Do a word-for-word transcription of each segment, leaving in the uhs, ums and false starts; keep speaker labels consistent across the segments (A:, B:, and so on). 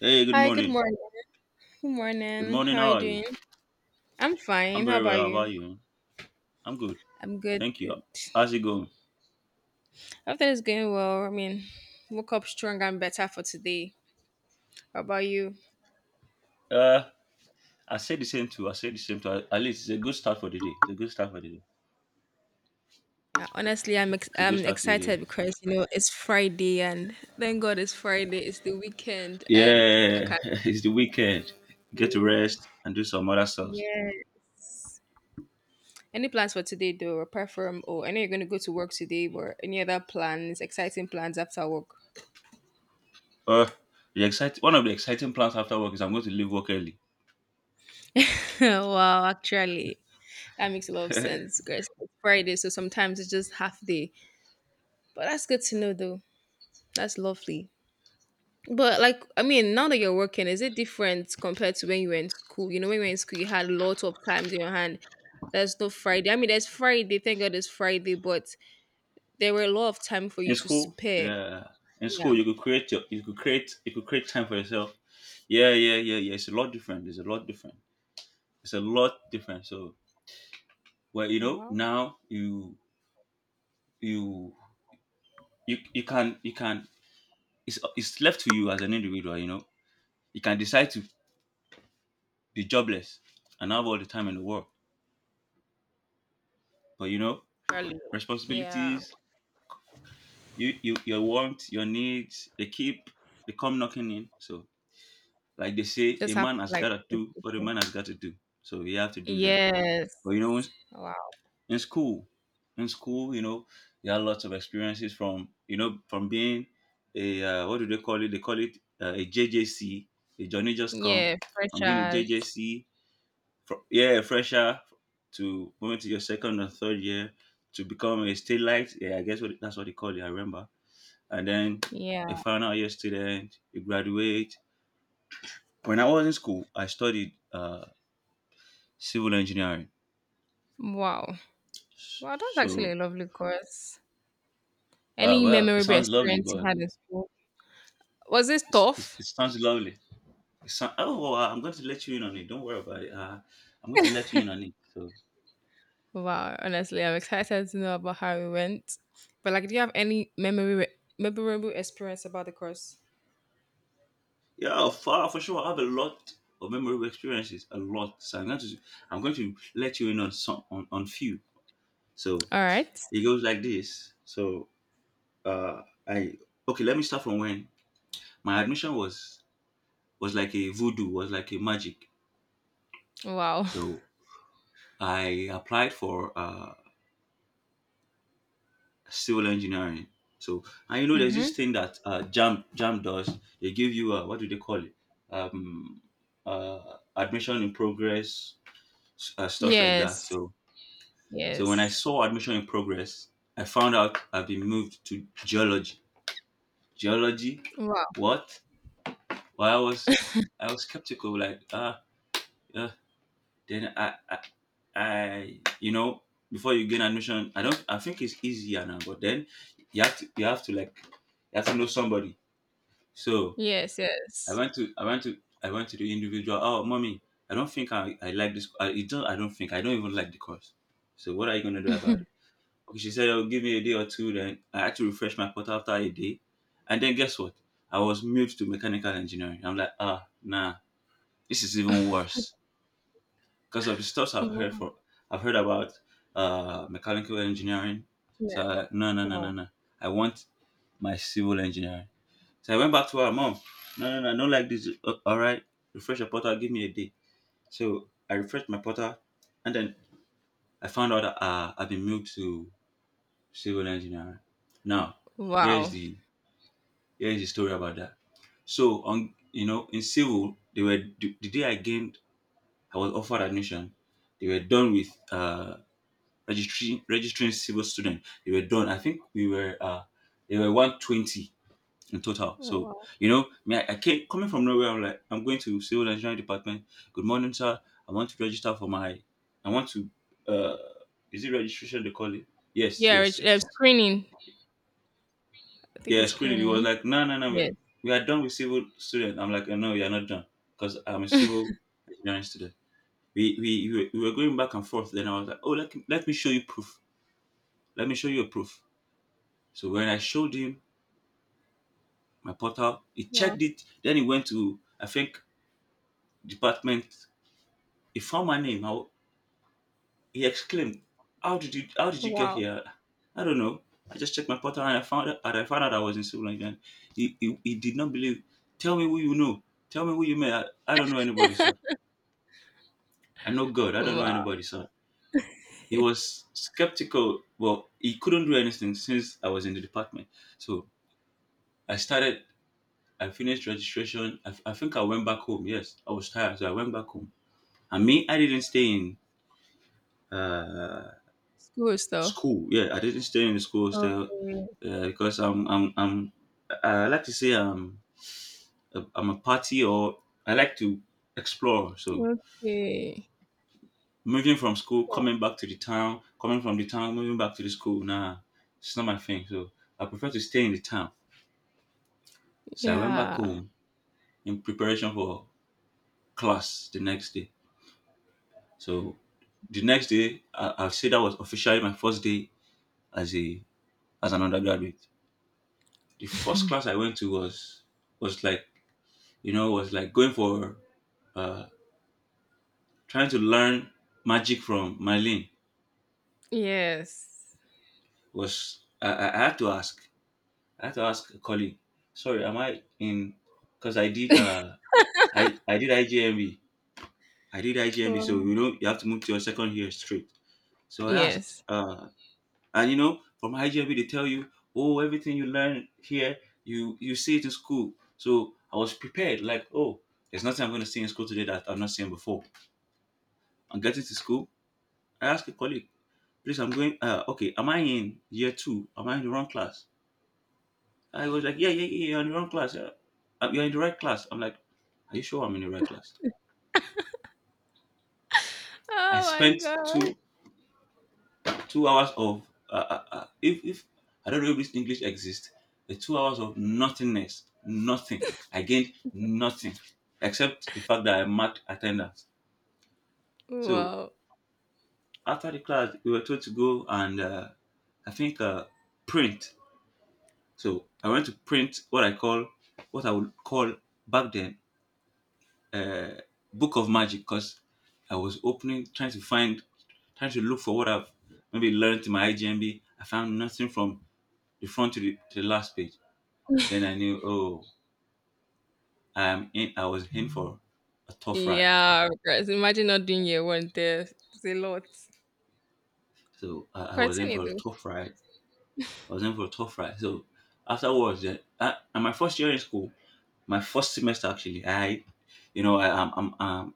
A: Hey, good
B: Hi, good
A: morning.
B: morning. Good
A: Good
B: morning.
A: morning.
B: How are
A: How
B: you
A: are you?
B: doing? I'm
A: I'm
B: fine. How
A: very well.
B: about
A: How
B: you?
A: about you? I'm good.
B: I'm good,
A: Thank you.
B: good.
A: How's it going?
B: Everything is going well. I mean, woke up stronger and better for today. How about you?
A: Uh, I said the same too. I said the same too. At least it's a good start for the day. It's a good start for the day.
B: Uh, Honestly, I'm ex-
A: It's a good
B: I'm
A: start to the day.
B: excited because you know it's Friday and thank God it's Friday. It's the weekend and I
A: Yeah,
B: can't.
A: it's the weekend. Get to rest and do some other stuff.
B: Yeah. Any plans for today though, apart from oh, I know you're gonna go to work today, but any other plans, exciting plans after work?
A: Uh, the excite One of the exciting plans after work is I'm going to leave work early.
B: Wow, actually. That makes a lot of sense guys. It's Friday, so sometimes it's just half day. But that's good to know, though. That's lovely. But like, I mean, now that you're working, is it different compared to when you were in school? You know, when you were in school, you had lots of times in your hand. There's no Friday. I mean, there's Friday. Thank God, it's Friday, but there were a lot of time for you
A: In
B: to
A: school,
B: spare.
A: yeah, in
B: Yeah.
A: school you could create your, you could create you could create time for yourself. Yeah, yeah, yeah, yeah. It's a lot different. It's a lot different. It's a lot different. So, well, you know,
B: Wow.
A: now you you you, you can you can it's, it's left to you as an individual. You know, you can decide to be jobless and have all the time in the world, but you know,
B: Really. Yeah.
A: responsibilities, you you your wants, your needs, they keep, they come knocking in. So like they
B: You
A: say, a
B: just have
A: man
B: to
A: has
B: like
A: got to
B: keep
A: do what a
B: pushing.
A: man has got to do, so you have to do that.
B: Yes.
A: But you know,
B: Wow.
A: in school in school, you know, you had lots of experiences, from you know, from being a uh, what do they call it? They call it uh, a JJC, a Johnny Just Come,
B: Yeah.
A: from being a
B: Freshers.
A: JJC, from yeah, a fresher, to moving to your second and third year, to become a state light. Yeah, I guess what, that's what they call it, I remember. And then a
B: Yeah.
A: final year student, you graduate. When I was in school, I studied uh, civil engineering.
B: Wow. Wow, that's actually
A: So
B: a lovely course.
A: uh,
B: Any
A: well, it
B: memorable
A: sounds lovely,
B: experience you
A: but
B: had in school? Was it
A: It's, it's,
B: tough?
A: it sounds lovely. It sound, oh, well, I'm going to let you in on it. Don't worry about it. Uh, I'm going to let you in on it. So,
B: Wow, honestly, I'm excited to know about how it went. But like, do you have any memory memorable experience about the course?
A: yeah, for, for sure, I have a lot of memorable experiences, a lot. So I'm going to I'm going to let you in on some, on, on few. So
B: All right.
A: it goes like this. So uh, I okay, let me start from when my admission was was like a voodoo, was like a magic.
B: Wow.
A: So I applied for. Uh, civil engineering. So, and you know, there's this
B: Mm-hmm.
A: thing that uh, Jam Jam does. They give you uh, what do they call it? Um, uh, admission in progress, s- uh, stuff like that.
B: Yes.
A: So, so when I
B: Yes.
A: saw admission in progress, I found out I've been moved to geology. Geology,
B: Wow.
A: what? Well, I was I was skeptical. Like, ah, uh, uh, then I, I I you know, before you gain admission, I don't. I think it's easier now. But then you have to you have to, like, you have to know somebody. So
B: Yes.
A: I
B: Yes.
A: went to I went to I went to the individual. Oh, mommy, I don't think I, I like this. I it don't I don't think I don't even like the course. So what are you gonna do about it? Okay, she said, "Oh, give me a day or two." Then I had to refresh my portal after a day, and then guess what? I was moved to mechanical engineering. I'm like, ah, nah, this is even worse because of the stuff I've heard
B: wow.
A: for I've heard about uh mechanical engineering. So
B: Yeah.
A: I, no, no, no, no,
B: Wow.
A: no. I want my civil engineering. So I went back to her mom. No, no, no, I don't like this. "Oh, all right, refresh your portal. Give me a day." So I refreshed my portal, and then I found out that uh, I've been moved to civil engineering. Now, here's
B: Wow.
A: the here's the story about that. So on, you know, in civil, they were the, the day I gained, I was offered admission, they were done with uh registering registering civil student. They were done. I think we were uh they were one hundred twenty in total. So,
B: Wow.
A: you know, me, I, I came, coming from nowhere. I'm like, I'm going to civil engineering department. Good morning, sir. I want to register for my, I want to, uh, is it registration they call it? Yes,
B: Yeah.
A: yes,
B: Rich, uh,
A: yes, yes.
B: screening. I think
A: Yeah,
B: it's
A: screening. He was
B: screening.
A: like, no, no, no, we are,
B: Yes.
A: we are done with civil student. I'm like, no, you're not done because I'm a civil engineering student. We, we, we were we were going back and forth. Then I was like, oh, let, me- let me show you proof. Let me show you a proof. So when I showed him my portal, he
B: Wow.
A: checked it. Then he went to, I think, department. He found my name. I, he exclaimed, "How did you? How did you get
B: Wow.
A: here?" I don't know. I just checked my portal and I found out, and I found out I was in civil engineering. He, he, he did not believe. Tell me who you know. Tell me who you met. I, I don't know anybody, sir. I know God. I don't know
B: wow.
A: anybody, sir. He was skeptical, but he couldn't do anything since I was in the department. So I started. I finished registration. I, I think I went back home. Yes, I was tired, so I went back home. And me, I didn't stay in. Uh,
B: School stuff.
A: School, yeah, I didn't stay in the school still,
B: Okay.
A: uh, because I'm I'm I'm I I like to say I'm a, I'm a party, or I like to explore. So
B: Okay.
A: moving from school, coming back to the town, coming from the town, moving back to the school, nah, it's not my thing. So I prefer to stay in the town. So I went back
B: Yeah.
A: home in preparation for class the next day. So the next day, I, I'll say that was officially my first day as a as an undergraduate. The first class I went to was was like, you know, was like going for uh, trying to learn magic from Marlene.
B: Yes.
A: Was I, I I had to ask? I had to ask a colleague. Sorry, am I in? Because I did uh I I did I G M B. I did I G M B, so
B: Wow.
A: you know you have to move to your second year straight. So I asked,
B: Yes.
A: uh, and you know, from I G M B they tell you, oh, everything you learn here, you you see it in school. So I was prepared, like, oh, there's nothing I'm going to see in school today that I've not seen before. I'm getting to school. I asked a colleague. Please, I'm going. Uh, okay, am I in year two? Am I in the wrong class? I was like, yeah, yeah, yeah, you're in the wrong class. Yeah. Uh, You're in the right class. I'm like, are you sure I'm in the right class? I
B: Oh
A: spent
B: my god.
A: two two hours of uh, uh, uh, if if I don't know if this English exists, the two hours of nothingness, nothing. I gained nothing except the fact that I marked attendance. So
B: Wow.
A: after the class, we were told to go and uh, I think uh, print. So I went to print what I call, what I would call back then, uh, book of magic, because I was opening, trying to find, trying to look for what I've maybe learned in my I G M B. I found nothing from the front to the, to the last page. Then I knew, oh, I'm in. I was in for a tough ride.
B: Yeah, because imagine not doing your one test. It's a lot.
A: So I, I was in
B: Continue
A: for a
B: though.
A: tough ride. I was in for a tough ride. So afterwards, uh, at my first year in school, my first semester actually, I, you know, I, I'm, I'm, I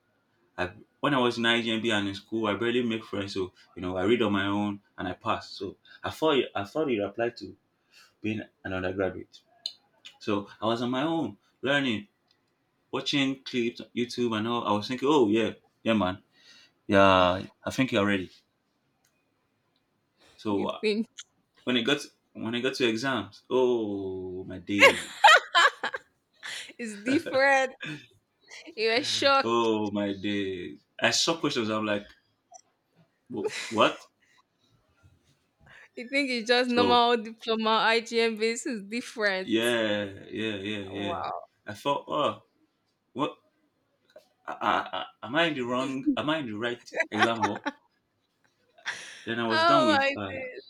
A: I, when I was in I G M B and in school, I barely make friends. So you know, I read on my own and I pass. So I thought it, I thought it applied to being an undergraduate. So I was on my own, learning, watching clips, on YouTube, and all. I was thinking, oh yeah, yeah, man, yeah, I think you're ready. So
B: You
A: uh,
B: think
A: when it got when I got to exams, oh my days,
B: it's different. You're shocked.
A: oh my days, I saw questions. I'm like, "Wh- what?
B: You think it's just
A: So
B: normal diploma I G M basis is different.
A: yeah, yeah, yeah, yeah.
B: Wow.
A: I thought, oh, what, uh, uh, uh, am I in the wrong? Am I in the right exam hall? Then I was done
B: Oh
A: with
B: my
A: uh,
B: god.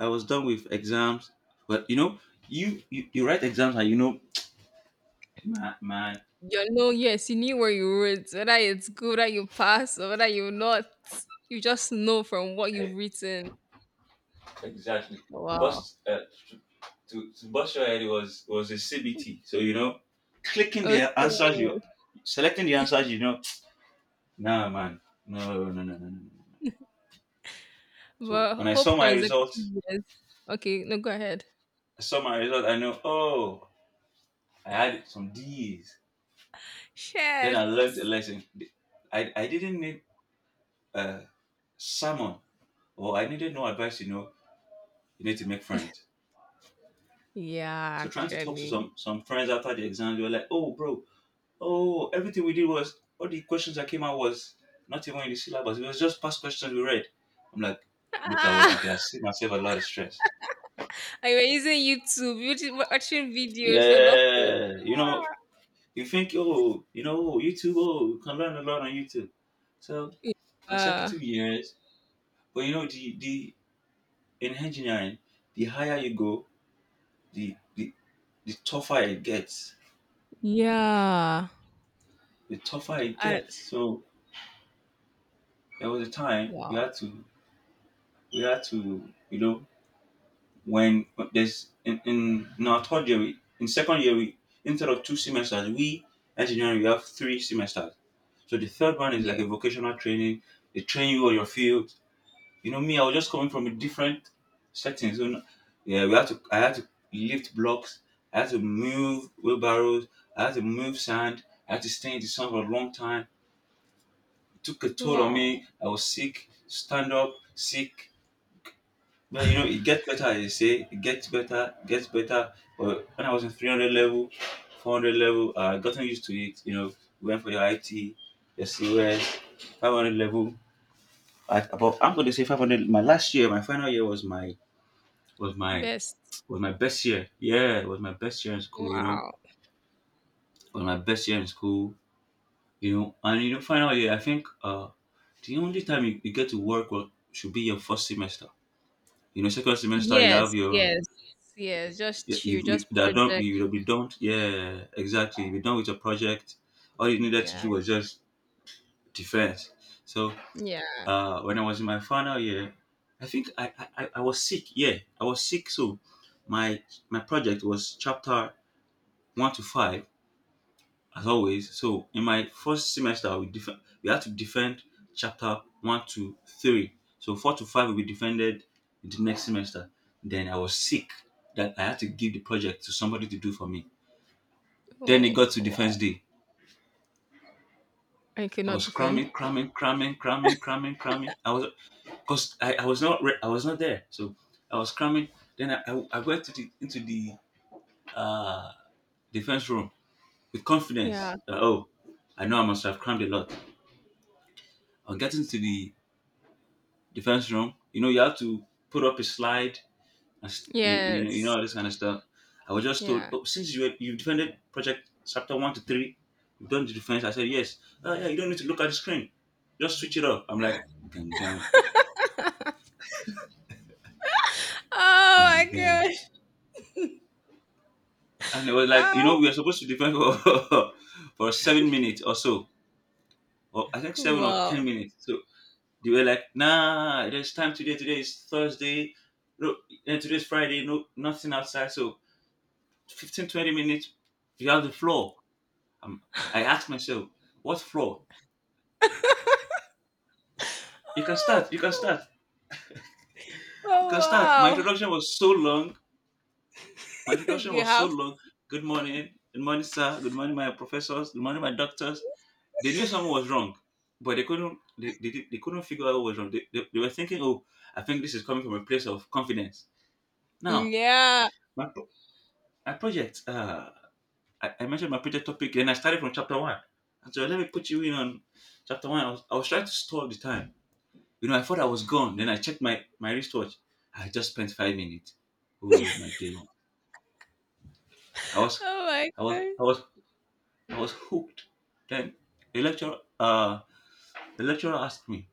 A: I was done with exams. But you know, you you, you write exams and you know, man, man
B: You know, yes, you knew where you wrote, whether it's good, whether you pass, or whether you not. You just know from what you've
A: eh,
B: written.
A: exactly.
B: Wow.
A: Bust uh, to, to bust your head was was a C B T. So you know, clicking the answers, you
B: Okay.
A: selecting the answers, you know, nah, man, no, no, no, no, no. No. So
B: But
A: when I
B: hope
A: saw my
B: consecutive
A: results,
B: years. Okay, no, go ahead.
A: I saw my result. I know, oh, I had some D's. Then I
B: Shit.
A: learned a lesson. I, I didn't need uh, sermon, or I needed no advice, you know, you need to make friends.
B: Yeah,
A: So trying to talk to
B: actually.
A: some, some friends after the exam, they were like, "Oh, bro, oh, everything we did was, all the questions that came out was not even in the syllabus. It was just past questions we read." I'm like, look at what I
B: Ah,
A: could have saved myself a lot of stress.
B: I were using YouTube, YouTube, watching videos for nothing.
A: Yeah. You know, you think, oh, you know, oh, YouTube, oh, you can learn a lot on YouTube. So
B: Yeah.
A: consecutive years, but you know, the, the in engineering, the higher you go, the, the the tougher it gets.
B: Yeah.
A: The tougher it
B: I,
A: gets. So there was a time we
B: wow.
A: had to we had to you know when when there's in, in, in our third year we, in second year we, instead of two semesters we, engineering we have three semesters. So the third one is like
B: Yeah.
A: a vocational training. They train you on your field. You know, me, I was just coming from a different setting. So no- yeah, we had to I had to lift blocks, I had to move wheelbarrows, I had to move sand, I had to stay in the sun for a long time. It took a toll on
B: Wow.
A: me. I was sick, stand up, sick. But you know, it gets better, as they say. It gets better, gets better. But when I was in three hundred level, four hundred level, I gotten used to it. You know, went for your I T, your COS, five hundred level. At about, I'm going to say five hundred. My last year, my final year was my was my
B: Best.
A: was my best year. Yeah, it was my best year in school. You know,
B: Wow.
A: it was my best year in school. You know, and you know, final year. I think uh, the only time you, you get to work well, should be your first semester. You know, second semester you have
B: Yes,
A: your
B: yes, yes. Just
A: you,
B: chill,
A: you
B: just
A: that don't
B: project.
A: you will be done. Yeah, exactly. You'll be done with your project. All you needed to
B: Yeah,
A: do was just defense. So
B: yeah.
A: uh, when I was in my final year, I think I, I I I was sick. Yeah, I was sick. So my my project was chapter one to five as always. So in my first semester, we def- we had to defend chapter one to three. So four to five will be defended in the next semester. Then I was sick that I had to give the project to somebody to do for me. Then it
B: Oh,
A: got to defense
B: wow.
A: day.
B: I
A: I
B: cannot
A: was
B: defend.
A: cramming, cramming, cramming, cramming, cramming, cramming. I was, because I, I was not re- I was not there, so I was cramming. Then I, I, I went to the into the uh, defense room with confidence
B: Yeah,
A: that oh, I know I must have crammed a lot. On getting to the defense room. You know, you have to put up a slide and s- you, you know you know
B: yes,
A: all this kind of stuff. I was just told,
B: yeah.
A: "Oh, since you you defended project chapter one to three, you've done the defense." I said, "Yes." "Oh yeah, you don't need to look at the screen. Just switch it off." I'm like, gang gang gang
B: Oh my
A: gang,
B: gosh.
A: and it was like, you know,
B: Oh,
A: we were supposed to defend for for seven minutes or so, or I think seven or
B: wow.
A: ten minutes. So they were like, "Nah, there's time today. Today is Thursday. No, and today's Friday. No, nothing outside. So Fifteen twenty minutes, you have the floor." Um, I asked myself, what floor? "You can start,
B: Oh,
A: you can
B: God.
A: start, you
B: Oh
A: can start." My
B: wow.
A: introduction was so long. My introduction
B: You
A: was so
B: have,
A: long. "Good morning, good morning, sir. Good morning, my professors. Good morning, my doctors." They knew something was wrong, but they couldn't. They, they, did- they couldn't figure out what was wrong. They, they, they were thinking, oh, I think this is coming from a place of confidence. Now,
B: yeah.
A: my, pro- my project. Uh, I, I mentioned my project topic, and I started from chapter one. And so let me put you in on chapter one. I was, I was trying to stall the time. You know, I thought I was gone. Then I checked my my wristwatch. I just spent five minutes. Oh my day! I was,
B: Oh my
A: I was,
B: God.
A: I was, I was hooked. Then the lecturer, uh, the lecturer asked me,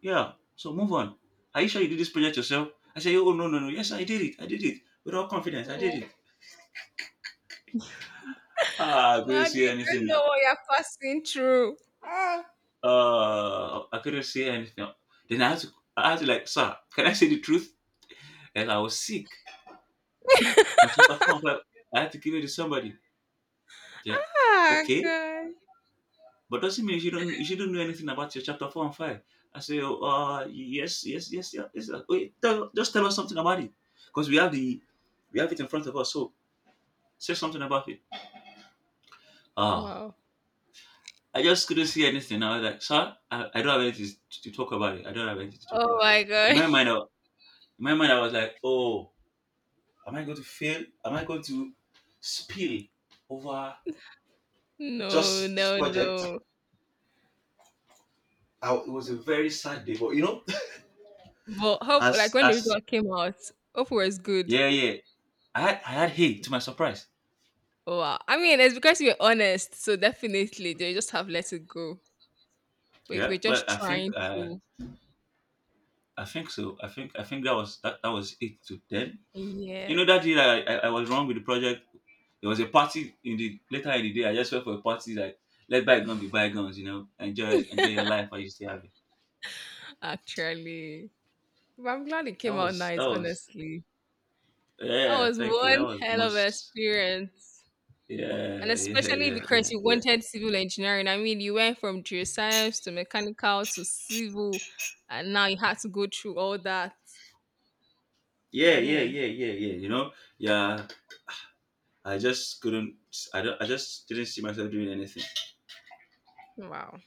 A: "Yeah, so move on. Are you sure you did this project yourself?" I said, "Oh no, no, no. Yes, I did it. I did it with all confidence. I did
B: Wow.
A: it." Ah, I
B: Wow,
A: couldn't
B: they
A: say
B: don't
A: anything.
B: know what you're passing through. Ah,
A: Uh, I couldn't say anything. Then I had to, I had to, like, "Sir, can I say the truth? And I was sick. My chapter four, I had to give it to somebody." Yeah,
B: ah,
A: okay.
B: God.
A: "But doesn't mean you shouldn't you shouldn't know anything about your chapter four and five." I say, "Oh, uh, yes, yes, yes, yeah, yes, yeah. Wait, tell, just tell us something about it, because we have the we have it in front of us. So say something about it." Ah,
B: Wow.
A: I just couldn't see anything. I was like, "Sir, I, I don't have anything to, to talk about it. I don't have anything to talk
B: Oh
A: about."
B: my
A: In
B: God.
A: my mind, I, in my mind, I was like, oh, am I going to fail? Am I going to spill over
B: No,
A: just this
B: no,
A: project?
B: no.
A: I, it was a very sad day, but you know,
B: But hope like
A: as
B: when the
A: as
B: result came out, hope was good.
A: yeah, yeah. I had I had hay to my surprise.
B: Wow. I mean, it's because you were honest, so definitely they just have let it go. But if
A: Yeah.
B: we're
A: But
B: just
A: I think
B: trying
A: uh,
B: to,
A: I think so. I think I think that was that, that was it to them. You know that day
B: yes,
A: that I, I, I was wrong with the project. There was a party in the later in the day. I just went for a party like, let bygone be bygones. You know, enjoy enjoy your life while you still have it.
B: actually, but I'm glad it
A: That
B: came out
A: was that
B: nice.
A: was
B: Honestly, that
A: yeah.
B: was
A: Thank you. That
B: one
A: was
B: hell of an
A: most
B: experience, and
A: yeah yeah
B: especially
A: yeah yeah
B: because you
A: yeah
B: wanted civil engineering. I mean, you went from geoscience to mechanical to civil, and now you had to go through all that. But
A: yeah
B: I
A: yeah
B: mean,
A: yeah yeah yeah. You know yeah. I just couldn't. I don't. I just didn't see myself doing anything.
B: wow.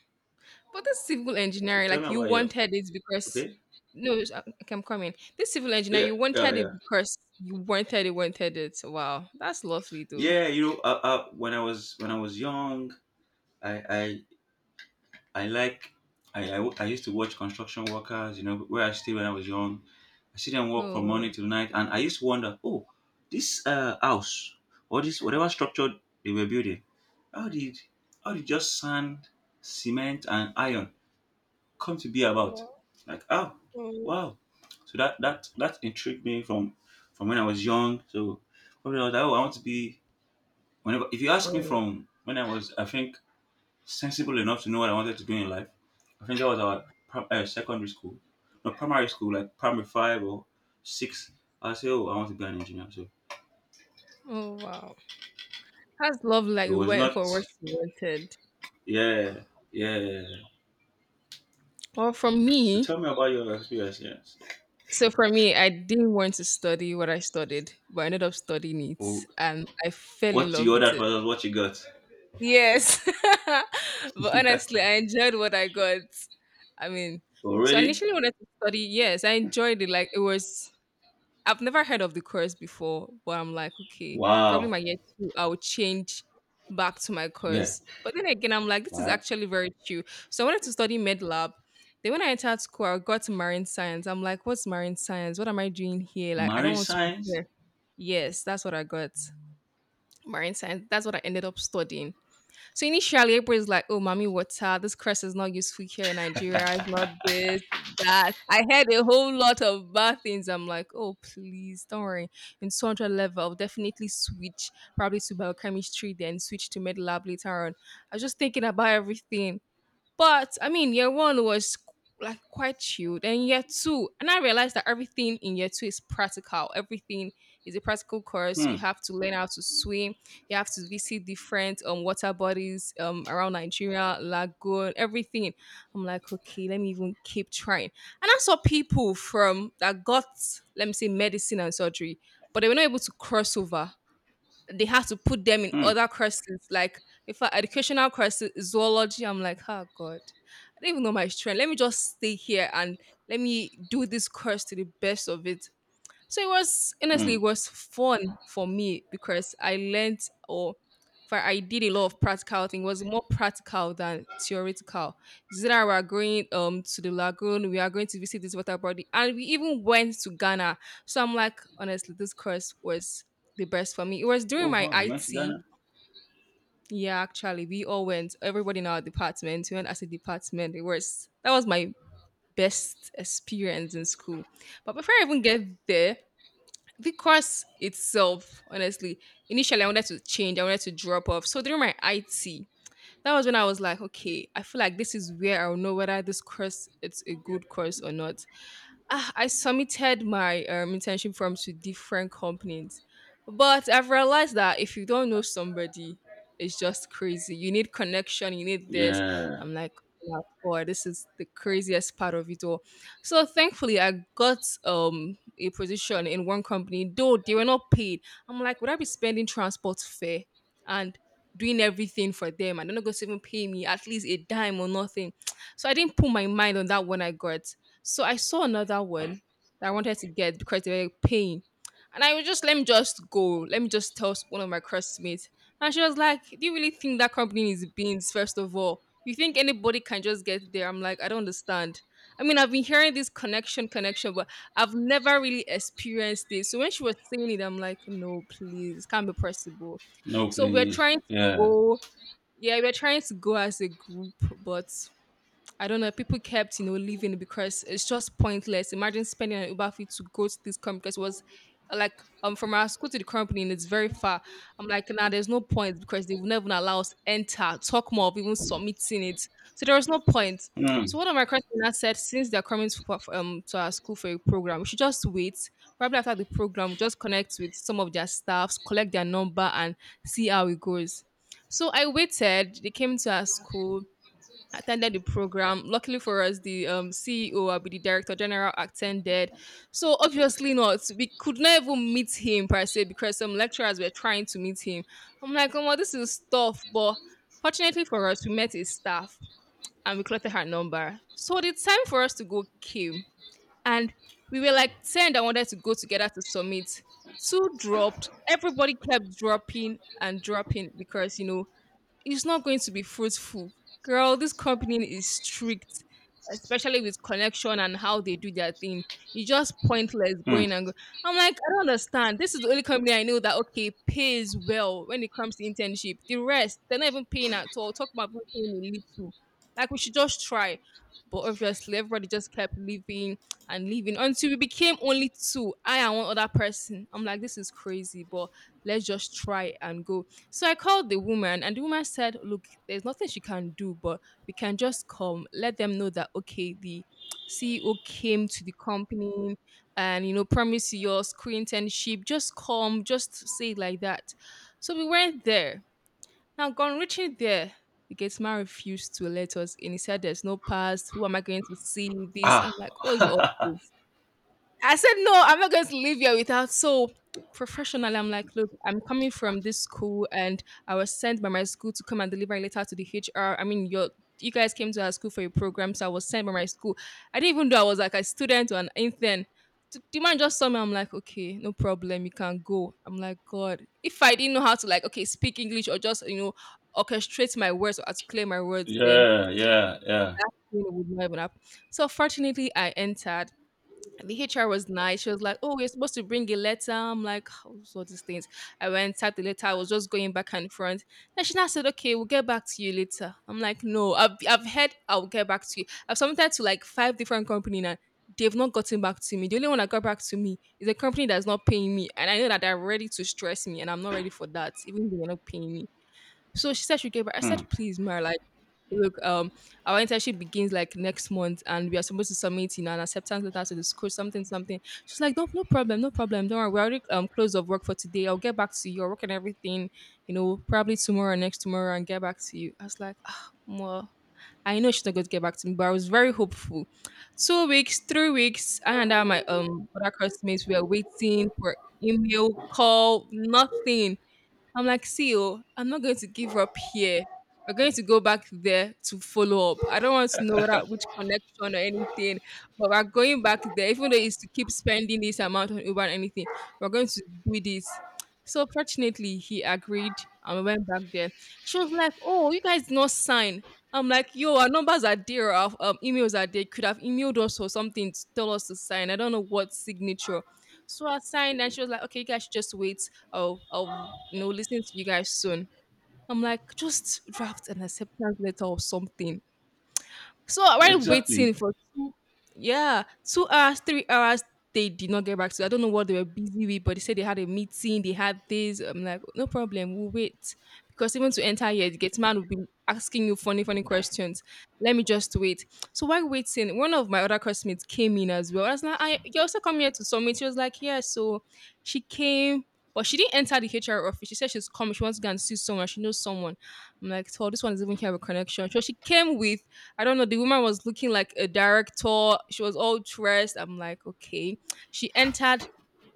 B: But this civil
A: So
B: engineering,
A: tell me
B: like you
A: about yours.
B: wanted it because
A: Okay.
B: no, it's- uh, okay, I'm coming. This civil engineer,
A: Yeah,
B: you
A: yeah,
B: wanted
A: yeah.
B: it because you wanted it, wanted it. So, wow, that's lovely though.
A: Yeah, you know, uh, uh, when I was when I was young, I I I like I, I I used to watch construction workers. You know, where I stayed when I was young, I see them work from morning
B: Oh,
A: till night, and I used to wonder, oh, this uh house or this whatever structure they were building, how did how did just sand, cement, and iron come to be about?
B: wow.
A: Like, oh,
B: Oh,
A: wow. So that that that intrigued me from from when I was young. So probably I was like, oh, I want to be whenever, if you ask me
B: oh,
A: from when I was, I think, sensible enough to know what I wanted to do in life, I think that was our prim- uh, secondary school, no, primary school, like primary five or six. I say, oh, I want to be an engineer. So
B: oh, wow. That's lovely. Like
A: so
B: you
A: it was
B: went
A: not
B: for what you wanted.
A: yeah yeah.
B: Well, for
A: So tell
B: me,
A: me about your experience. Yes.
B: so for me, I didn't want to study what I studied, but I ended up studying it,
A: Oh,
B: and I fell in
A: what
B: love
A: you
B: with
A: ordered for
B: it.
A: us? What you got.
B: Yes. But honestly, I enjoyed what I got. I mean,
A: Oh
B: so I
A: really?
B: initially wanted to study. Yes, I enjoyed it. Like it was, I've never heard of the course before, but I'm like, okay, probably
A: Wow.
B: my year two, I'll change back to my
A: Yeah.
B: course. But then again, I'm like, this is
A: Right.
B: actually very true. So I wanted to study med lab. Then when I entered school, I got to marine science. I'm like, what's marine science? What am I doing here? Like, I don't
A: Marine
B: want to be
A: science.
B: here. Yes, that's what I got. Marine science. That's what I ended up studying. So initially, April is like, "Oh, mommy, water. This crest is not useful here in Nigeria. It's not this, that." I heard a whole lot of bad things. I'm like, "Oh, please, don't worry. In two hundred level, I'll definitely switch probably to biochemistry, then switch to med lab later on." I was just thinking about everything. But I mean, year one was qu- like quite chilled, and year two, and I realized that everything in year two is practical. Everything is a practical course. You
A: Hmm.
B: have to learn how to swim. You have to visit different um water bodies um around Nigeria, lagoon, everything. I'm like, okay, let me even keep trying. And I saw people from that got let me say medicine and surgery, but they were not able to cross over they have to put them in
A: Hmm.
B: other courses, like if I educational courses, zoology. I'm like, oh God, I don't even know my strength. Let me just stay here and let me do this course to the best of it. So it was honestly
A: Hmm.
B: it was fun for me because I learned or for I did a lot of practical thing. It was more practical than theoretical. Zira we are going um to the lagoon, we are going to visit this water body, and we even went to Ghana. So I'm like, honestly, this course was the best for me. It was during
A: Oh
B: my
A: wow. Nice
B: I T.
A: Ghana.
B: Yeah, actually, we all went. Everybody in our department we went as a department. It was that was my best experience in school. But before I even get there, the course itself, honestly, initially I wanted to change, I wanted to drop off. So during my I T, that was when I was like, okay, I feel like this is where I'll know whether this course it's a good course or not ah, I submitted my um, internship form to different companies, but I've realized that if you don't know somebody, it's just crazy. You need connection. You need this.
A: Yeah.
B: I'm like, wow, boy, this is the craziest part of it all. So thankfully, I got um a position in one company, though they were not paid. I'm like, would I be spending transport fare and doing everything for them and they're not going to even pay me at least a dime or nothing so I didn't put my mind on that when I got so I saw another one that I wanted to get because they were paying. And I was just, let me just go. Let me just tell one of my classmates. And she was like, do you really think that company is beans, first of all? You think anybody can just get there? I'm like, I don't understand. I mean, I've been hearing this connection, connection, but I've never really experienced this. So when she was saying it, I'm like, no, please, it can't be possible.
A: No,
B: So we're
A: please.
B: trying to
A: Yeah.
B: go. Yeah, we're trying to go as a group, but I don't know. People kept, you know, leaving because it's just pointless. Imagine spending an Uber fee to go to this company because it was uh, like um from our school to the company and it's very far. I'm like, nah, there's no point because they will never allow us enter, talk more of even submitting it. So there was no point. So
A: Mm,
B: one of my classmates said, since they're coming to, for- um to our school for a program, we should just wait. Probably after the program, just connect with some of their staffs, collect their number, and see how it goes. So I waited. They came to our school attended the program. Luckily for us, the um, C E O, I'll be the director general, attended. So obviously not. We could not even meet him per se because some lecturers were trying to meet him. I'm like, oh, well, this is tough. But fortunately for us, we met his staff and we collected her number. So the time for us to go came. And we were like ten that wanted to go together to submit. Two dropped. Everybody kept dropping and dropping because, you know, it's not going to be fruitful. Girl, this company is strict, especially with connection and how they do their thing. It's just pointless going and
A: mm.
B: go. I'm like, I don't understand. This is the only company I know that okay pays well when it comes to internship. The rest, they're not even paying at all. Talk about even paying a little. Like we should just try. But obviously, everybody just kept leaving and leaving until we became only two. I and one other person. I'm like, this is crazy, but let's just try and go so I called the woman, and the woman said, look, there's nothing she can do, but we can just come, let them know that, okay, the C E O came to the company and, you know, promise you your screen internship. Just come, just say it like that. So we went there. Now, gone reaching there, the gate man refused to let us in. He said, there's no pass. Who am I going to see? This.
A: Ah,
B: I'm like, what's all this? I said, no, I'm not going to leave here without. So professionally, I'm like, look, I'm coming from this school and I was sent by my school to come and deliver a letter to the H R. I mean, your you guys came to our school for a program, so I was sent by my school. I didn't even know I was like a student or an intern. Th- The man just saw me. I'm like, okay, no problem. You can go. I'm like, God, if I didn't know how to like, okay, speak English or just you know orchestrate my words or articulate my words, then
A: yeah, yeah, yeah.
B: you know, it would not even happen. So fortunately, I entered the H R was nice. She was like, "Oh, you're supposed to bring a letter." I'm like, "Oh, so all these things." I went typed the letter. I was just going back and front. Then she now said, "Okay, we'll get back to you later." I'm like, "No, I've I've heard I'll get back to you. I've submitted to like five different companies, now. They've not gotten back to me. The only one that got back to me is a company that's not paying me, and I know that they're ready to stress me, and I'm not ready for that, even though they're not paying me." So she said she gave back. I
A: Hmm.
B: said, "Please, Mara, look, um, our internship begins like next month, and we are supposed to submit, you know, an acceptance letter to the school, something, something. She's like, no, no problem, no problem. Don't worry, we're already um closed of work for today. I'll get back to you. I'll work and everything, you know, probably tomorrow or next tomorrow, and get back to you. I was like, ah, well, I know she's not going to get back to me, but I was very hopeful. Two weeks, three weeks, I and I, my um other classmates, we are waiting for email, call, nothing. I'm like, see, oh, I'm not going to give up here. We're going to go back there to follow up. I don't want to know whether, which connection or anything, but we're going back there, even though it's to keep spending this amount on Uber and anything. We're going to do this. So fortunately, he agreed and we went back there. She was like, "Oh, you guys did not sign." I'm like, "Yo, our numbers are there, our um, emails are there. You could have emailed us or something to tell us to sign. I don't know what signature." So I signed, and she was like, "Okay, you guys should just wait. I'll I'll you know listen to you guys soon." I'm like, just draft an acceptance letter or something. So while
A: Exactly.
B: waiting for two, yeah, two hours, three hours, they did not get back to. I don't know what they were busy with, but they said they had a meeting, they had this. I'm like, no problem, we'll wait. Because even to enter here, the gate man will be asking you funny, funny questions. Let me just wait. So while waiting, one of my other classmates came in as well. I was like, I, you also come here to submit. She was like, yeah. So she came, but she didn't enter the H R office. She said she's coming. She wants to go and see someone. She knows someone. I'm like, so this one doesn't even have a connection. So she came with I don't know. The woman was looking like a director. She was all dressed. I'm like, okay. She entered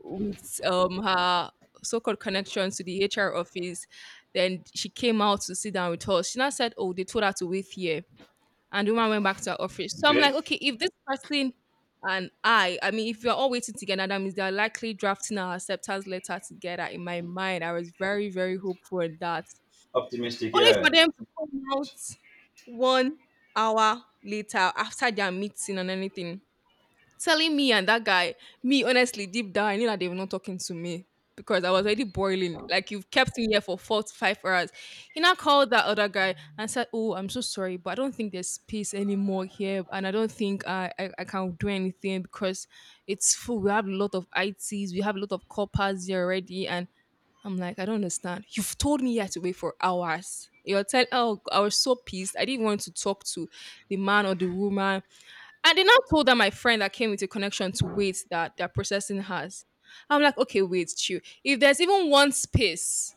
B: with um her so-called connections to the H R office. Then she came out to sit down with us. She now said, "Oh, they told her to wait here," and the woman went back to her office. So I'm
A: Okay.
B: like, okay, if this person and I, I mean, if we are all waiting together, that means they're likely drafting our acceptance letter together. In my mind, I was very, very hopeful in that.
A: Optimistic.
B: Only for
A: Yeah,
B: them to come out one hour later after their meeting and anything, telling me and that guy, me honestly, deep down, I knew that they were not talking to me because I was already boiling, like, "You've kept me here for four to five hours." He now called that other guy and said, "Oh, I'm so sorry, but I don't think there's space anymore here, and I don't think I I I can do anything because it's full. We have a lot of I Ts, we have a lot of corpers here already, and I'm like, I don't understand. You've told me you had to wait for hours. You're telling, oh, I was so pissed. I didn't want to talk to the man or the woman. And then I told that my friend that came with a connection to wait that they're processing has. I'm like, okay, wait, chill. If there's even one space,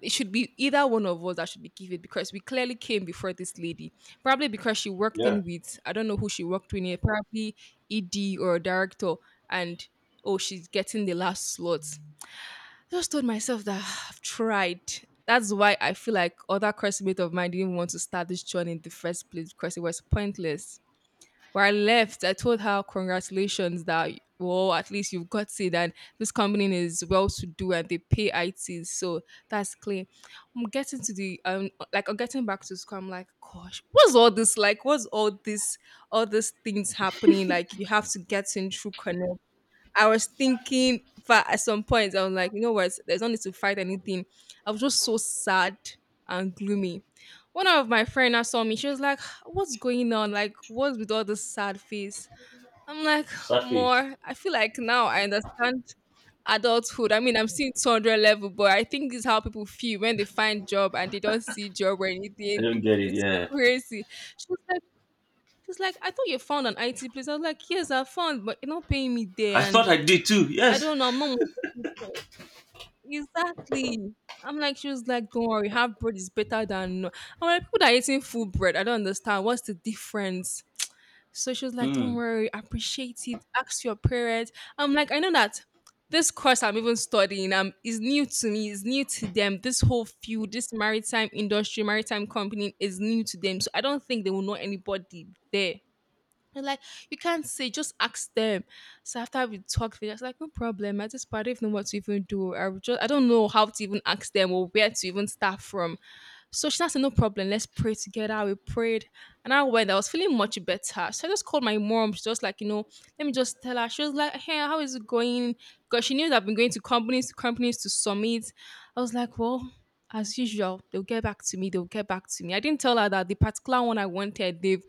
B: it should be either one of us that should be given because we clearly came before this lady. Probably because she worked
A: yeah.
B: in with, I don't know who she worked with, probably E D or a director. And oh, she's getting the last slot, just told myself that I've tried. That's why I feel like other classmates of mine didn't want to start this journey in the first place because it was pointless. When I left, I told her, congratulations, that, well, at least you've got it. And this company is well to do and they pay I T. So that's clear. I'm getting to the, um, like, I'm getting back to school. I'm like, gosh, what's all this? Like, what's all this, all these things happening? Like, you have to get in through connect. I was thinking for at some point, I was like, you know what? There's no need to fight anything. I was just so sad and gloomy. One of my friend now saw me. She was like, "What's going on? Like, what's with all this sad face?" I'm like,
A: Sad face.
B: "More. I feel like now I understand adulthood. I mean, I'm still two hundred level, but I think this is how people feel when they find job and they don't see job or
A: I
B: anything.
A: don't get it.
B: It's
A: Yeah.
B: crazy." She was like, "She's like, I thought you found an I T place." I was like, "Yes, I found, but you're not paying me
A: I
B: there,
A: thought
B: and
A: I did too.
B: I
A: Yes.
B: don't know. I'm not motivated. Exactly. I'm like, she was like, don't worry, half bread is better than. No." I'm like, people that are eating full bread, I don't understand. What's the difference? So she was like, don't
A: Mm,
B: worry, appreciate it. Ask your parents. I'm like, I know that this course I'm even studying um, is new to me, is new to them. This whole field, this maritime industry, maritime company is new to them. So I don't think they will know anybody there. They're like, you can't say, just ask them. So after we talked, they're just like, no problem. At this part, I don't even know what to even do. I would just, I don't know how to even ask them or where to even start from. So she now said, no problem, let's pray together. We prayed. And I went, I was feeling much better. So I just called my mom. She just like, you know, let me just tell her. She was like, hey, how is it going? Because she knew that I've been going to companies to companies to summit. I was like, well, as usual, they'll get back to me. They'll get back to me. I didn't tell her that the particular one I wanted, they've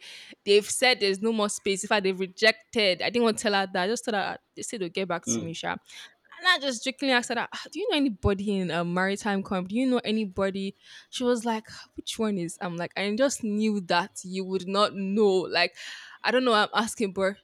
B: they've said there's no more space. In fact, they have rejected, I didn't want to tell her that. I just told her they said they'll get back to
A: mm.
B: me, Sha. And I just jokingly asked her, that, "Ah, do you know anybody in a maritime comp? Do you know anybody?" She was like, "Ah, which one is?" I'm like, "I just knew that you would not know." Like, I don't know why I'm asking, but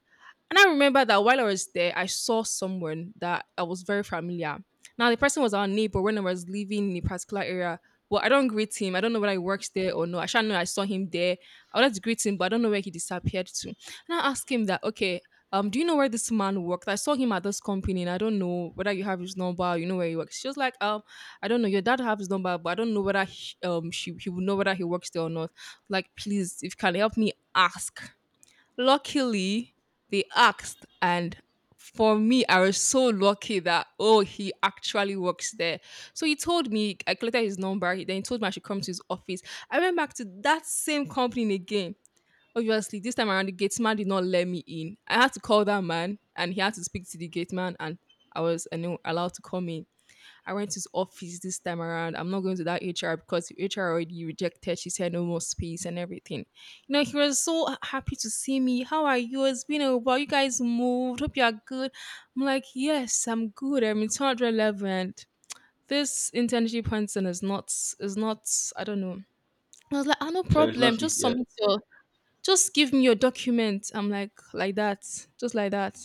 B: and I remember that while I was there, I saw someone that I was very familiar. Now the person was our neighbor when I was living in a particular area. Well, I don't greet him. I don't know whether he works there or no. I should know I saw him there. I wanted to greet him, but I don't know where he disappeared to. And I asked him that, okay, um, do you know where this man worked? I saw him at this company and I don't know whether you have his number, you know where he works. She was like, um, I don't know, your dad have his number, but I don't know whether he, um she he would know whether he works there or not. Like, please, if you can help me ask. Luckily, they asked, and for me, I was so lucky that, oh, he actually works there. So he told me, I collected his number. He then told me I should come to his office. I went back to that same company again. Obviously, this time around, the gate man did not let me in. I had to call that man, and he had to speak to the gate man, and I was, I know, allowed to come in. I went to his office this time around. I'm not going to that H R because the H R already rejected. She said no more space and everything. You know, he was so h- happy to see me. How are you? It's been a while. You guys moved. Hope you are good. I'm like, yes, I'm good. I'm in two eleven. This internship person is not, is not, I don't know. I was like, ah, no
A: There is
B: problem.
A: not it
B: Just
A: yet.
B: submit your just give me your document. I'm like, like that. Just like that.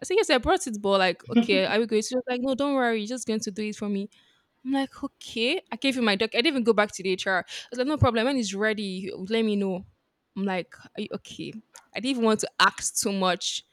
B: I said, yes, I brought it, but, like, okay, are we going to? She was like, no, don't worry, you're just going to do it for me. I'm like, okay. I gave him my doc. I didn't even go back to the H R. I was like, no problem. When he's ready, let me know. I'm like, "Are you okay?" I didn't even want to ask too much.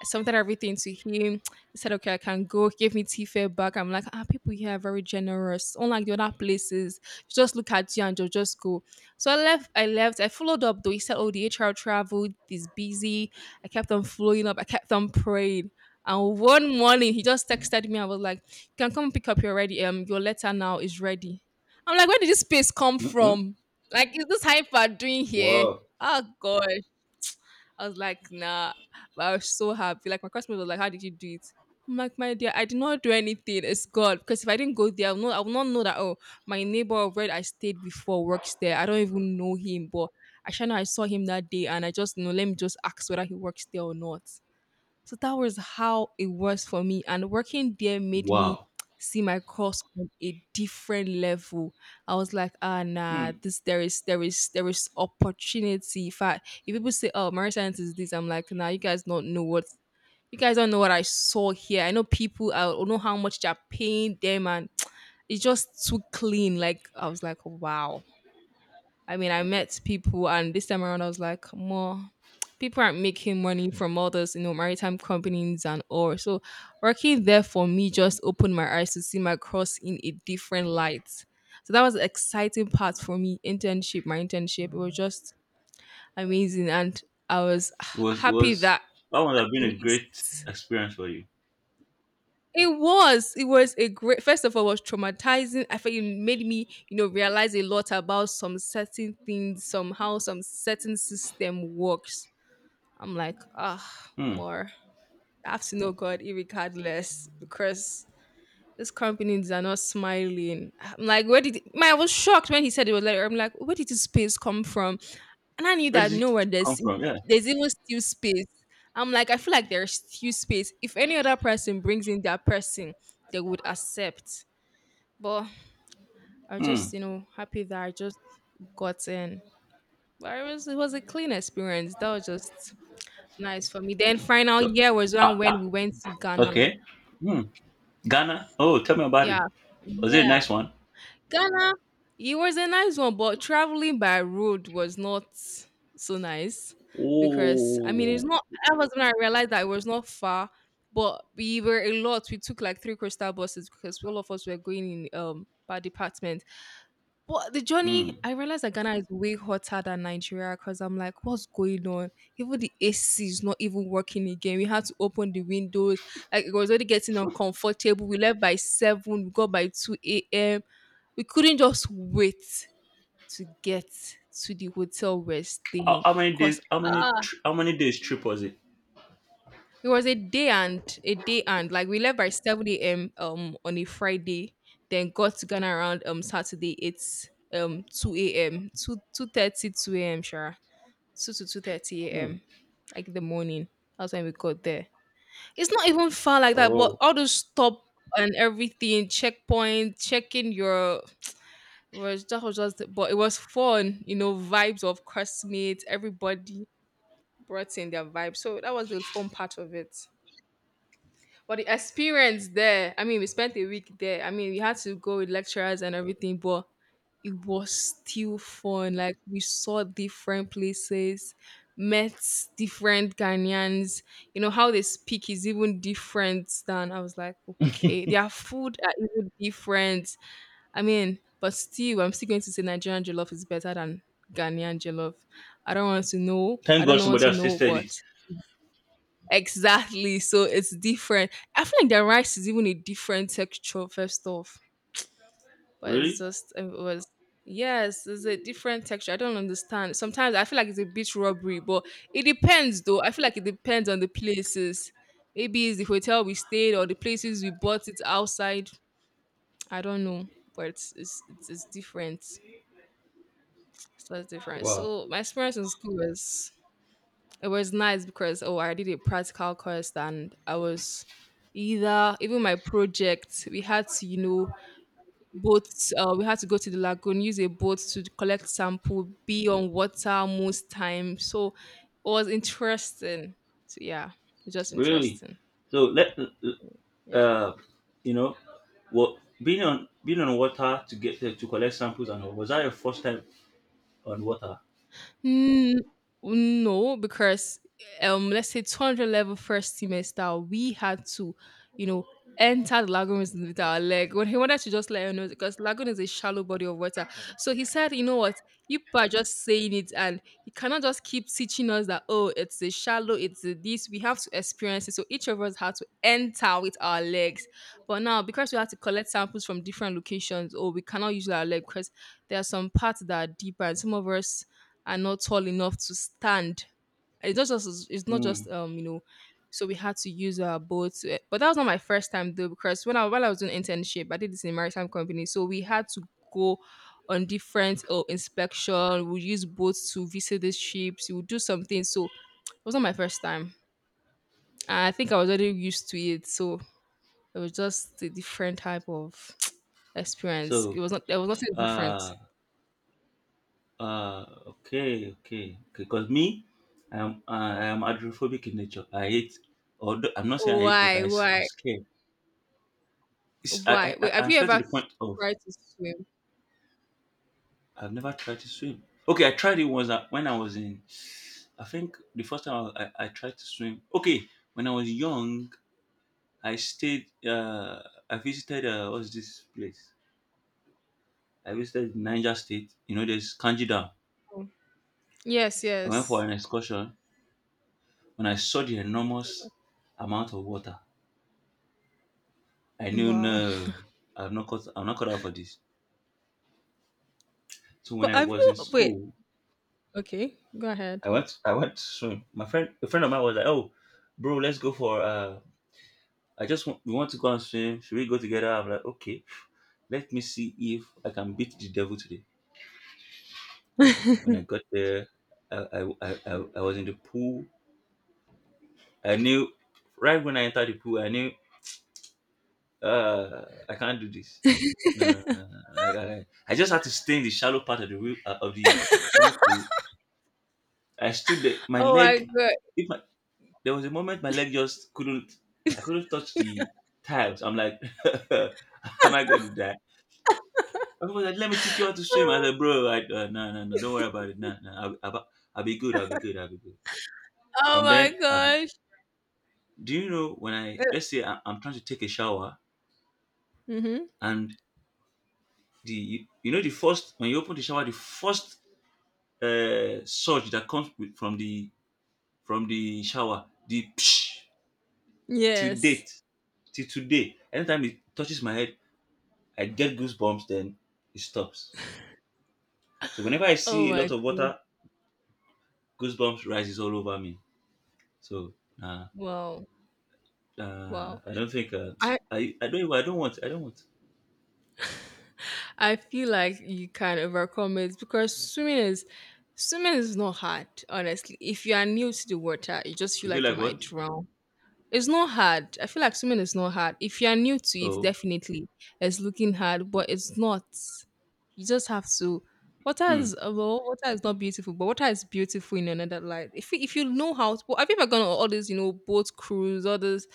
B: I submitted everything to him. He said, okay, I can go. He gave me T fare back. I'm like, ah, people here are very generous. Unlike the other places, you just look at you and they'll just go. So I left. I left. I followed up though. He said, oh, the H R traveled. He's busy. I kept on following up. I kept on praying. And one morning, he just texted me. I was like, can come and pick up your ready um your letter now is ready. I'm like, where did this space come
A: Mm-mm.
B: from? Like, is this hyper doing here?
A: Wow.
B: Oh gosh. I was like, nah. But I was so happy. Like, my customer was like, how did you do it? I'm like, my dear, I did not do anything. It's God. Because if I didn't go there, I would not, I would not know that, oh, my neighbor where I stayed before works there. I don't even know him, but I sure know I saw him that day, and I just, you know, let me just ask whether he works there or not. So that was how it was for me. And working there made me
A: Wow.
B: see my course on a different level. I was like, ah, nah,
A: Mm.
B: this there is there is there is opportunity. If I if people say, oh, marine science is this, I'm like, nah, you guys don't know what you guys don't know what I saw here. I know people, I don't know how much they're paying them, and it's just too clean. Like, I was like, wow. I mean, I met people, and this time around, I was like, more people aren't making money from all those, you know, maritime companies and all. So working there for me just opened my eyes to see my cross in a different light. So that was the exciting part for me. Internship, my internship, it was just amazing, and I was
A: It was it
B: happy
A: was
B: that at
A: that would have been a great
B: least
A: experience for you.
B: it was. It was a great. First of all, it was traumatizing. I felt it made me, you know, realize a lot about some certain things, somehow some certain system works. I'm like, ah,
A: Hmm.
B: more. I have to know God, irregardless, because these companies are not smiling. I'm like, where did my? I was shocked when he said, it was like, I'm like, where did this space come from? And I knew
A: Where did
B: that nowhere
A: it come
B: there's,
A: from? Yeah.
B: there's even still space. I'm like, I feel like there's still space. If any other person brings in their person, they would accept. But I was
A: Hmm.
B: just, you know, happy that I just got in. But it was it was a clean experience. That was just nice for me. Then final
A: So
B: year was one
A: ah,
B: when we went to Ghana.
A: okay. Hmm. Ghana. Oh, tell me about it.
B: Yeah.
A: Was it a
B: Yeah.
A: nice one?
B: Ghana, it was a nice one, but traveling by road was not so nice, because I mean it's
A: Oh.
B: not. I was when I realized that it was not far, but we were a lot. We took like three coastal buses because all of us were going in um per department. But the journey,
A: Mm.
B: I realized that Ghana is way hotter than Nigeria, because I'm like, what's going on? Even the A C is not even working again. We had to open the windows. Like, it was already getting uncomfortable. We left by seven. We got by two a m. We couldn't just wait to get to the hotel we're
A: How,
B: staying,
A: how many days?
B: because
A: How many? tr- How many days trip was it?
B: it was a day and a day and like we left by seven a m um on a Friday, then got to Ghana around um Saturday, it's um two a m 2, two thirty two a m. Sure. two to two thirty
A: Mm.
B: a m, like the morning. That's when we got there. It's not even far like that, but
A: Oh,
B: all those stop and everything, checkpoint, checking your was, that was just, but it was fun, you know, vibes of classmates, everybody brought in their vibe. So that was the fun part of it. But the experience there, I mean, we spent a week there. I mean, we had to go with lecturers and everything, but it was still fun. Like, we saw different places, met different Ghanaians. You know, how they speak is even different, than I was like, okay, their food are even different. I mean, but still, I'm still going to say Nigerian jollof is better than Ghanaian jollof. I don't want to know. I
A: thank
B: don't
A: God
B: know what
A: somebody
B: to
A: else
B: know,
A: tested it.
B: but exactly. So it's different. I feel like the rice is even a different texture, first off. But it's
A: Really?
B: just, it was, yes, it's a different texture. I don't understand. Sometimes I feel like it's a bit rubbery, but it depends though. I feel like it depends on the places. Maybe it's the hotel we stayed or the places we bought it outside. I don't know, but it's, it's, it's different. It's just different.
A: Wow.
B: So my experience in school was it was nice, because oh, I did a practical course, and I was either, even my project, we had to, you know, boat uh, we had to go to the lagoon, use a boat to collect sample, be on water most time, so it was interesting. So yeah, it was just
A: Really?
B: interesting.
A: So let
B: Yeah.
A: uh, you know, what being on being on water to get to, to collect samples and all, was that your first time on water?
B: Mm, no, because um, let's say two hundred level first semester, we had to, you know, enter the lagoon with with our leg. When he wanted to just let her know, because lagoon is a shallow body of water. So he said, you know what, you people are just saying it, and he cannot just keep teaching us that, oh, it's a shallow, it's a this. We have to experience it. So each of us had to enter with our legs. But now, because we had to collect samples from different locations, oh, we cannot use our leg because there are some parts that are deeper, and some of us are not tall enough to stand. It's not just it's not just
A: Hmm.
B: um you know, so we had to use our boat. eh, But that was not my first time though, because when I while I was doing internship, I did this in a maritime company, so we had to go on different, oh, inspection. We use boats to visit these ships. We would do something. So it was not my first time. And I think I was already used to it, so it was just a different type of experience.
A: So
B: It was not. There was nothing different.
A: uh uh okay okay, because me, I am I am hydrophobic in nature. I hate, although I'm not saying I hate, but
B: Why?
A: I s- I'm
B: Why?
A: scared. It's,
B: Why?
A: I, I
B: Wait,
A: I-
B: have
A: I'm
B: you
A: scared to
B: ever
A: the point of
B: tried to swim?
A: I've never tried to swim. Okay, I tried, it was uh, when I was in. I think the first time I, I, I tried to swim. Okay, when I was young, I stayed. Uh, I visited. Uh, what's this place? I visited Niger State. You know, there's Kanji Dam.
B: Yes,
A: I went for
B: yes.
A: an excursion. When I saw the enormous amount of water, I knew
B: Wow.
A: no, I'm not cut. I'm not cut out for this. So when
B: But
A: I
B: have
A: was in
B: you, wait,
A: school,
B: okay, go ahead.
A: I went. I went to swim. My friend, a friend of mine was like, "Oh, bro, let's go for uh I just want, we want to go and swim. Should we go together?" I'm like, okay, let me see if I can beat the devil today. When I got there, I, I, I, I I was in the pool. I knew right when I entered the pool, I knew uh, I can't do this. No, no, no, no, no. I, I, I just had to stay in the shallow part of the wi- uh, of the swimming pool. I stood there. My
B: Oh my
A: leg,
B: god.
A: if my, there was a moment my leg just couldn't, I couldn't touch the tiles. I'm like, am I going to die? Of course, let me teach you how to swim. I said, bro, I, uh, no, no, no, don't worry about it. No, no, I'll, I'll, I'll be good. I'll be good. I'll be good.
B: Oh
A: From
B: my
A: then, I've,
B: gosh.
A: do you know when I, let's say I, I'm trying to take a shower
B: Mm-hmm.
A: and the, you, you know, the first, when you open the shower, the first uh, surge that comes with, from the, from the shower, the psh, till
B: Yes.
A: date, till today, anytime it touches my head, I get goosebumps, then it stops. So whenever I
B: Oh
A: see a
B: my
A: lot of
B: god.
A: water, goosebumps rises all over me. So, nah,
B: Wow.
A: Uh,
B: Wow.
A: I don't think. Uh,
B: I
A: I I don't. Even- I don't want. I don't want.
B: I feel like you can overcome it, because swimming is swimming is not hard, honestly. If you are new to the water, you just feel
A: You feel
B: like you
A: like what?
B: might drown. It's not hard. I feel like swimming is not hard. If you are new to it,
A: Oh,
B: definitely it's looking hard, but it's not. You just have to. Water
A: hmm.
B: is uh, well, water is not beautiful, but water is beautiful in another light. If you- if you know how to, have you ever gone on all this, you know, boat cruise, all this,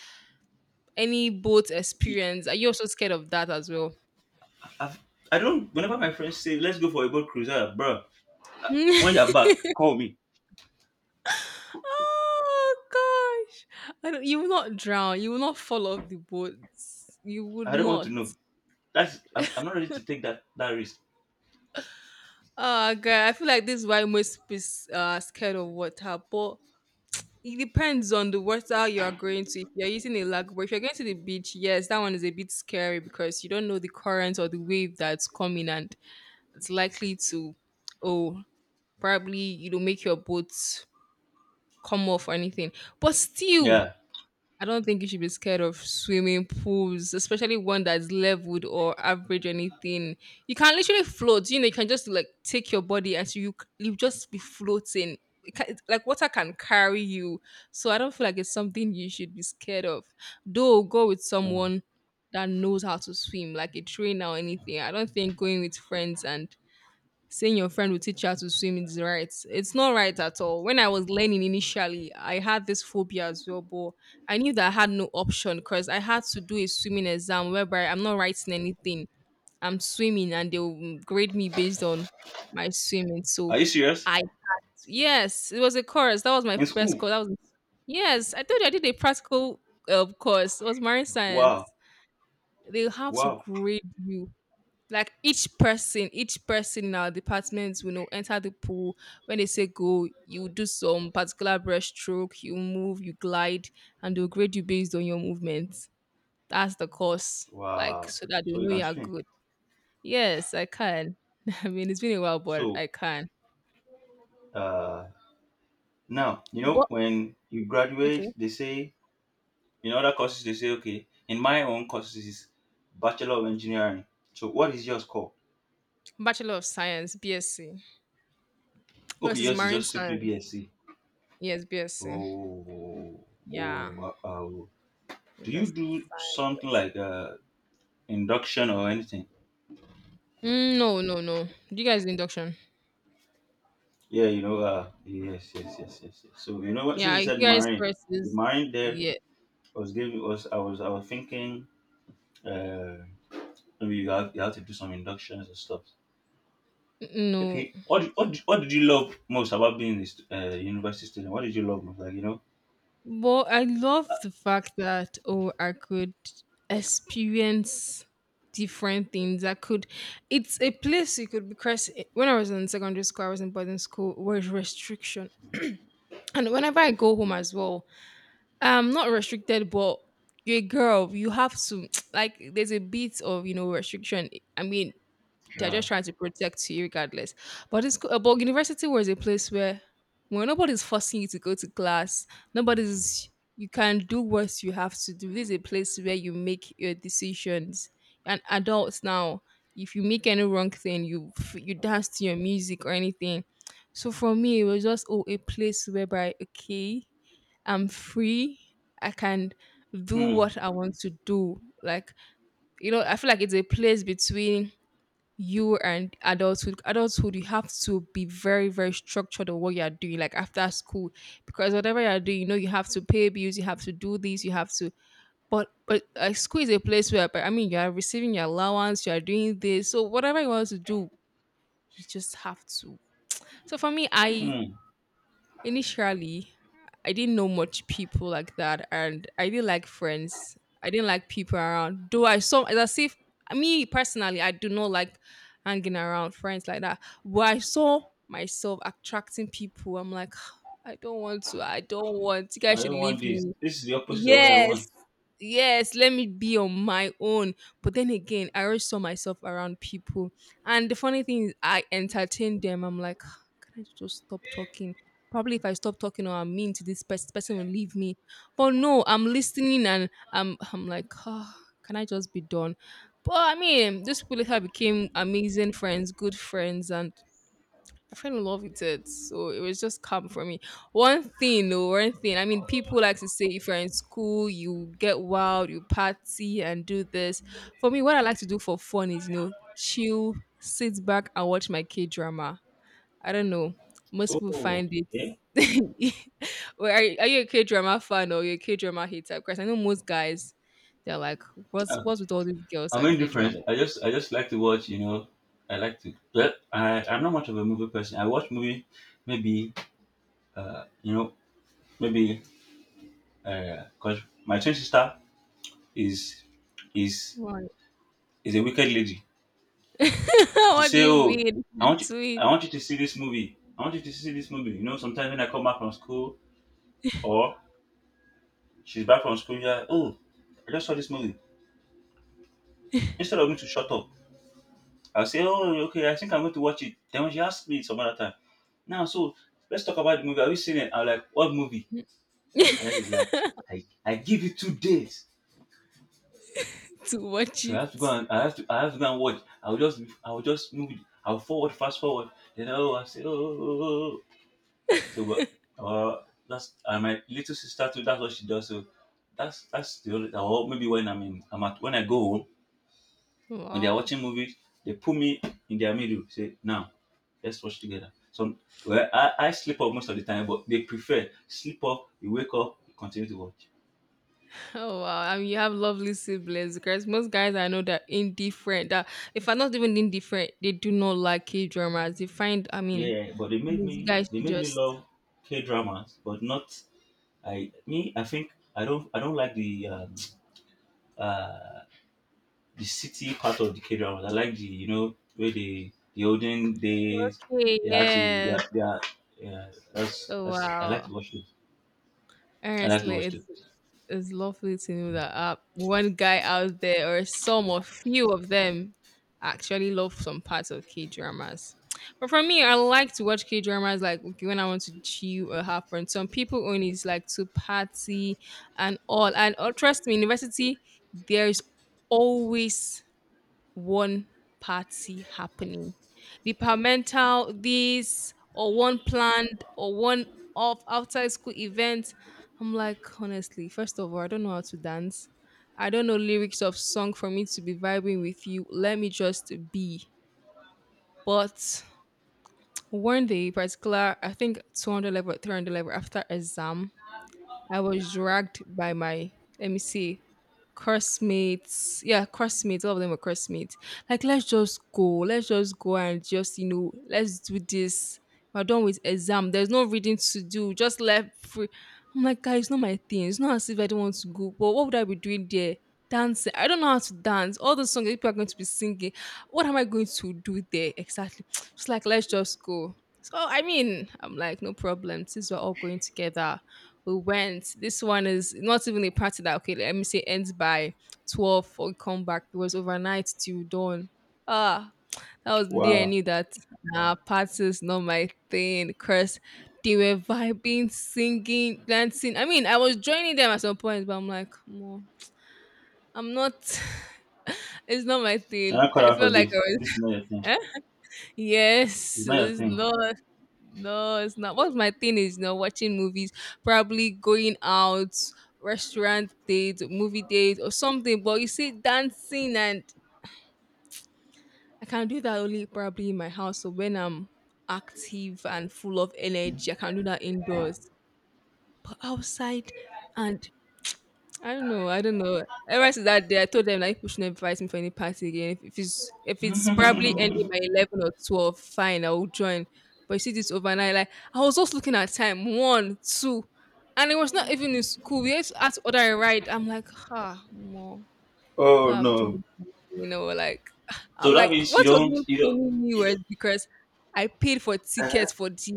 B: any boat
A: I
B: experience? Are you also scared of that as well?
A: I've- I don't. Whenever my friends say, "Let's go for a boat cruise," ah, bro. When you're
B: Oh
A: back, call me.
B: gosh, I don't, you will not drown. You will not fall off the boat. You would
A: I don't want to
B: not.
A: know. That's. I'm. I'm not ready to take that that risk.
B: Uh, girl, I feel like this is why most people is, uh, are scared of water, but it depends on the water you are going to. If you're using a lagoon, but if you're going to the beach, yes, that one is a bit scary because you don't know the current or the wave that's coming, and it's likely to, oh, probably you know make your boat come off or anything. But still,
A: Yeah.
B: I don't think you should be scared of swimming pools, especially one that's leveled or average anything. You can literally float. You know, you can just like take your body and so you c- you just be floating. It ca- it's like water can carry you. So I don't feel like it's something you should be scared of. Though go with
A: Uh,
B: someone that knows how to swim, like a trainer or anything. I don't think going with friends and saying your friend will teach you how to swim is right. It's not right at all. When I was learning initially, I had this phobia as well, but I knew that I had no option because I had to do a swimming exam whereby I'm not writing anything. I'm swimming and they'll grade me based on my swimming.
A: are
B: So
A: you serious?
B: I yes, it was a course. That was my
A: In
B: best
A: school?
B: course. That was yes, I told you I did a practical uh, course. It was marine
A: Wow.
B: science. They have to
A: Wow.
B: grade you. Like each person, each person in our department will know enter the pool. When they say go, you do some particular breaststroke, you move, you glide, and they'll grade you based on your movements. That's the course. Like
A: Wow.
B: so that they
A: So you
B: know
A: can
B: you are
A: swim.
B: good. Yes, I can. I mean it's been a while, but
A: So,
B: I can.
A: uh, now you know
B: But
A: when you graduate,
B: okay.
A: they say in other courses, they say, okay, in my own courses is Bachelor of Engineering. So what is yours called?
B: Bachelor of Science, BSc. No,
A: Okay,
B: it's
A: yours is
B: marine
A: just simply
B: science.
A: BSc.
B: Yes, BSc.
A: Oh,
B: Yeah.
A: oh, uh, oh. Do you
B: Yes,
A: do
B: science.
A: something
B: Yes.
A: like uh, induction or anything?
B: Mm, no, no, no. Do you guys do induction?
A: Yeah, you know, uh, yes, yes, yes, yes, yes. So you know what? Since
B: Yeah,
A: you
B: you
A: said
B: guys
A: marine, the
B: curses.
A: marine there
B: Yeah,
A: was giving was I was I was thinking uh, maybe you have you have to do some inductions and stuff.
B: no.
A: Okay, what did- what did- what did you love most about being a stu- uh, university student? What did you love most? Like you know,
B: But I love the fact that oh, I could experience different things. I could. It's a place you could because when I was in secondary school, I was in boarding school. Where was restriction, and whenever I go home as well, I'm not restricted, but. You're a girl, you have to like there's a bit of you know restriction. I mean, they're
A: yeah.
B: just trying to protect you regardless. But it's co- but university was a place where where nobody's forcing you to go to class. Nobody's you can do what you have to do. This is a place where you make your decisions. And adults now, if you make any wrong thing, you f- you dance to your music or anything. So for me, it was just oh a place whereby okay, I'm free. I can do
A: Hmm.
B: what I want to do. Like you know, I feel like it's a place between you and adulthood adulthood You have to be very very structured on what you are doing like after school because whatever you are doing you know you have to pay bills you have to do this you have to but but uh, school is a place where but I mean you are receiving your allowance you are doing this so whatever you want to do you just have to so for me I
A: Hmm.
B: Initially, I didn't know much people like that, and I didn't like friends. I didn't like people around. Though I saw it's as if me personally, I do not like hanging around friends like that. But I saw myself attracting people. I'm like, I don't want to. I don't want. You
A: I
B: guys should
A: don't want
B: leave
A: this.
B: me.
A: This is the opposite of what I want.
B: Yes. Yes, let me be on my own. But then again, I always saw myself around people. And the funny thing is I entertain them. I'm like, "Ah, can I just stop talking? Probably if I stop talking or I'm mean to this person, this person will leave me. But no, I'm listening and I'm I'm like, oh, can I just be done? But I mean, these people later became amazing friends, good friends, and I fell in love with it. So it was just calm for me. One thing, though, one thing. I mean, people like to say if you're in school, you get wild, you party and do this. For me, what I like to do for fun is, you know, chill, sit back and watch my K drama. I don't know. Most people
A: Oh.
B: find it.
A: Yeah.
B: Well, are, you- are you a K drama fan or you're a K drama hater? Because I know most guys, they're like, what's
A: Uh,
B: what's with all these girls
A: I'm
B: and K
A: indifferent.
B: drama?
A: I just I just like to watch. You know, I like to. But I I'm not much of a movie person. I watch movie, maybe uh you know maybe uh cause my twin sister is is
B: Why?
A: is a wicked lady. So she
B: What do
A: say,
B: you
A: oh,
B: mean?
A: I want you, I
B: Sweet.
A: want you to see this movie. I want you to see this movie. You know, sometimes when I come back from school or she's back from school, yeah, oh, I just saw this movie. Instead of me to shut up, I'll say, oh, okay, I think I'm going to watch it. Then when she asks me some other time, now, so let's talk about the movie. Have you seen it? I'm like, what movie? And then she's like, I, I give you two days.
B: To watch
A: So I
B: it.
A: have to go and I have to I have to go and watch. I'll just I'll just move it. I'll forward, fast forward. Then oh I say, oh, oh, oh. oh, oh. So but uh that's, and my little sister too, that's what she does. So that's that's the only, or maybe when I'm in I'm at when I go home, when they are
B: Wow.
A: watching movies, they put me in their middle, say, now, let's watch together. So well, I, I sleep off most of the time, but they prefer sleep off, you wake up, you continue to watch.
B: Oh wow. I mean you have lovely siblings because most guys I know that indifferent that if I'm not even indifferent, they do not like K dramas. They find I mean
A: Yeah, but they made
B: these
A: me
B: guys
A: they
B: should
A: made me
B: just
A: love K dramas, but not, I me, I think I don't I don't like the um, uh the city part of the K dramas. I like, the you know, where the the olden days,
B: okay,
A: they had to, they
B: yes.
A: are, they are, yeah, that's
B: Oh
A: that's, I like to
B: wow.
A: watch those. I like to
B: Honestly,
A: watch those.
B: it's it's lovely to know that uh, one guy out there, or some or few of them, actually love some parts of K dramas. But for me, I like to watch K dramas like okay, when I want to chill or have fun. Some people only is like to party and all. And oh, trust me, university, there's always one party happening. The parental this or one planned or one off outside school event. I'm like, honestly, first of all, I don't know how to dance. I don't know lyrics of song for me to be vibing with you. Let me just be. But one day, particular, I think two hundred level, three hundred level after exam, I was dragged by my let me see, classmates. Yeah, classmates. All of them were classmates. Like, let's just go. Let's just go and just you know, let's do this. We're done with exam. There's no reading to do. Just left free. I'm like, guys, it's not my thing. It's not as if I don't want to go. But what would I be doing there? Dancing. I don't know how to dance. All the songs that people are going to be singing. What am I going to do there exactly? Just like, let's just go. So I mean, I'm like, no problem. Since we're all going together, we went. This one is not even a party that okay, let me say ends by twelve for we come back. It was overnight till dawn. Ah, that was the day I
A: Wow.
B: knew that nah, party is not my thing. Cause they were vibing, singing, dancing. I mean, I was joining them at some point, but I'm like, come on, I'm not. It's not my
A: You're
B: thing.
A: not cut
B: I
A: out for
B: felt like I
A: this. This is not
B: was.
A: your thing.
B: Yes,
A: It's not your
B: it's
A: thing.
B: not. No, it's not. What's my thing is you know watching movies, probably going out, restaurant date, movie date, or something. But you see, dancing and I can do that only probably in my house. So when I'm active and full of energy, I can do that indoors. But outside and I don't know. I don't know. Ever since that day, I told them like people should not invite me for any party again. If, if it's if it's probably ending by eleven or twelve, fine, I will join. But you see this overnight, like I was just looking at time one, two, and it was not even in school. We had to ask order a ride. I'm like, ha, more people
A: Oh
B: have
A: no.
B: joined, you know, like
A: So
B: I'm
A: that
B: like,
A: means you
B: what was
A: don't
B: even
A: you don't
B: paying me
A: you
B: was
A: don't.
B: because I paid for
A: Uh-huh.
B: tickets for this.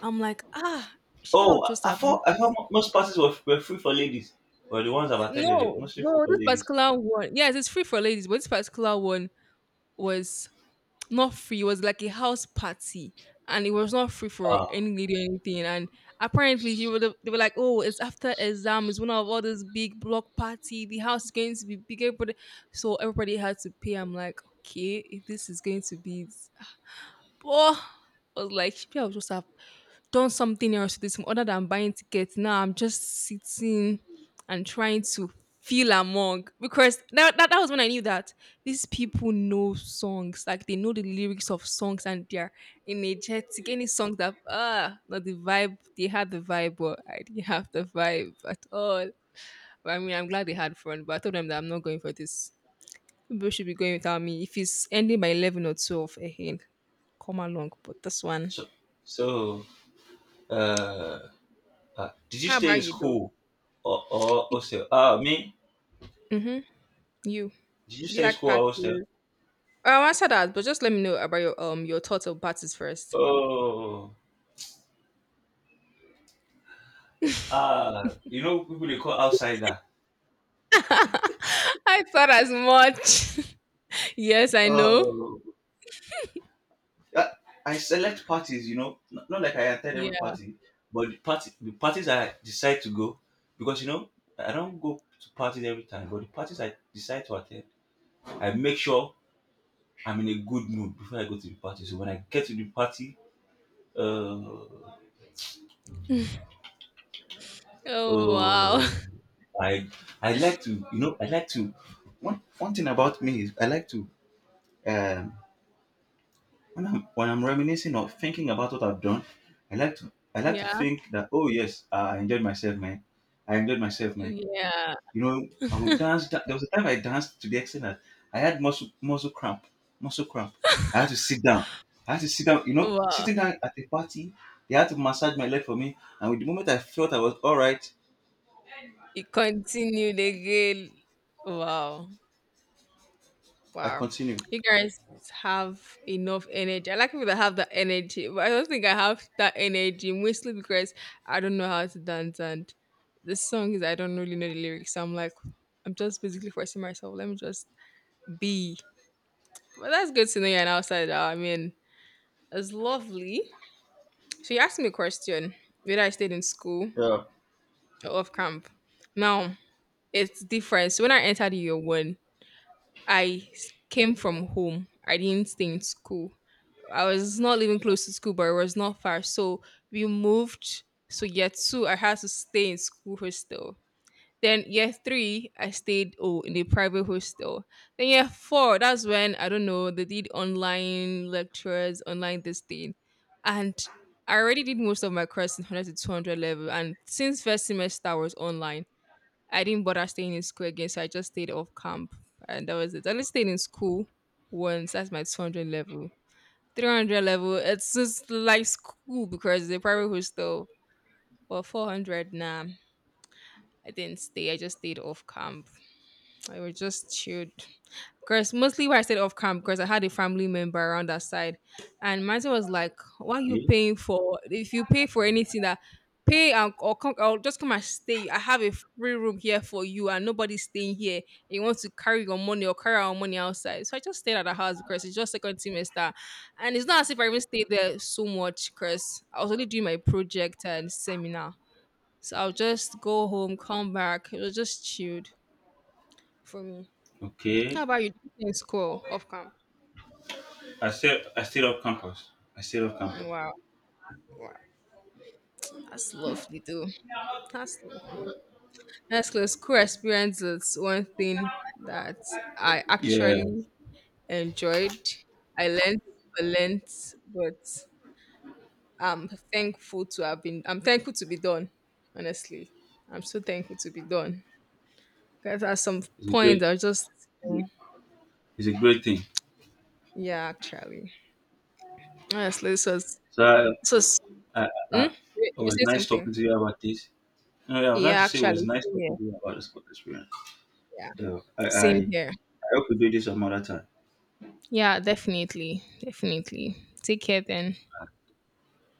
B: I'm like, ah, she, I
A: Oh,
B: would just
A: I, I
B: have missed
A: thought I
B: this.
A: thought mo- most parties were, were free for ladies. Well, the ones I've
B: Yeah,
A: attended are
B: no,
A: mostly free
B: no,
A: for
B: this
A: ladies.
B: particular one. Yes, it's free for ladies, but this particular one was not free. It was like a house party, and it was not free for
A: Ah,
B: any lady or anything. And apparently, she would have, they were like, "Oh, it's after exam. It's one of all this big block party. The house is going to be bigger, but so everybody had to pay." I'm like, "Okay, if this is going to be, it." Oh." I was like, "Maybe I'll just have done something else to this other than buying tickets. Now I'm just sitting and trying to feel among because that, that that was when I knew that these people know songs, like they know the lyrics of songs and they're energetic. Any song that ah not the vibe, they had the vibe, but I didn't have the vibe at all. But I mean I'm glad they had fun, but I told them that I'm not going for this. People should be going without me. If it's ending by eleven or twelve, eh, eh, come along. But this one.
A: so so uh, uh did you
B: How
A: stay in
B: about you though?
A: school or, or hostel? Ah, me?
B: Mm-hmm. You.
A: Did you
B: Do you
A: stay in
B: like
A: school or hostel?
B: parties? Oh, I'll answer that, but just let me know about your um your thoughts of parties first.
A: Oh, ah, you know people they call outsider.
B: I thought as much. Yes, I know.
A: Oh, I, I select parties, you know, not, not like I attend every
B: Yeah.
A: party, but the party the parties I decide to go, because you know I don't go to parties every time, but the parties I decide to attend, I make sure I'm in a good mood before I go to the party. So when I get to the party, uh,
B: Oh
A: uh,
B: wow.
A: I I like to you know I like to, one one thing about me is I like to, um when I'm when I'm reminiscing or thinking about what I've done, I like to I like to
B: Yeah.
A: think that oh yes, I enjoyed myself, man. I enjoyed myself, man.
B: Yeah.
A: You know, I would dance. da- There was a time I danced to the extent that I had muscle muscle cramp, muscle cramp. I had to sit down. I had to sit down. You know,
B: Wow.
A: sitting down at a party, they had to massage my leg for me. And with the moment I felt I was all right,
B: It continued again. Wow.
A: I
B: Wow.
A: continued.
B: You guys have enough energy. I like people that have that energy, but I don't think I have that energy mostly because I don't know how to dance and the song is I don't really know the lyrics. So I'm like, I'm just basically forcing myself. Let me just be. But that's good to know you're an outsider. I mean, it's lovely. So you asked me a question whether I stayed in school
A: Yeah.
B: or off camp. Now, it's different. So when I entered year one, I s- came from home. I didn't stay in school. I was not living close to school, but it was not far. So we moved. So year two, I had to stay in school hostel. Then year three, I stayed oh in a private hostel. Then year four, that's when I don't know they did online lectures, online this thing, and I already did most of my course in one hundred to two hundred level. And since first semester I was online, I didn't bother staying in school again, so I just stayed off camp, and that was it. I only stayed in school once. That's my two hundred level. three hundred level, it's just like school because the private hostel. But four hundred, nah, I didn't stay. I just stayed off camp. I was just chilled. Because mostly where I stayed off camp, because I had a family member around that side, and Martin was like, "Why are you
A: Okay,
B: paying for? If you pay for anything that." Pay and or come or just come and stay. I have a free room here for you, and nobody's staying here. You want to carry your money or carry our money outside. So I just stayed at the house because it's just second semester, and it's not as if I even stayed there so much because I was only doing my project and seminar. So I'll just go home, come back. It was just chilled for me. How
A: okay.
B: about you? Do you think school off camp?
A: I still I still love campus. I still love campus.
B: Wow. Wow. That's lovely though. That's lovely. That's close. School experience is one thing that I
A: Yeah,
B: actually enjoyed. I learned, I learned, but I'm thankful to have been I'm thankful to be done, honestly. I'm so thankful to be done. Because at some
A: it's a
B: point
A: great
B: I was just mm,
A: it's a great thing.
B: yeah, actually. Honestly, this was
A: So
B: this was
A: I, I
B: hmm?
A: I,
B: you
A: it
B: you
A: was
B: say
A: nice
B: something.
A: talking to you about this. No, yeah, I was trying
B: Yeah,
A: to say it was
B: actually,
A: nice
B: same
A: talking
B: here.
A: to you about the sport experience.
B: Yeah.
A: So I, I,
B: Same
A: I
B: here.
A: hope we do this some other time.
B: Yeah, definitely. Definitely. Take care then.
A: Uh,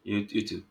A: You, you too.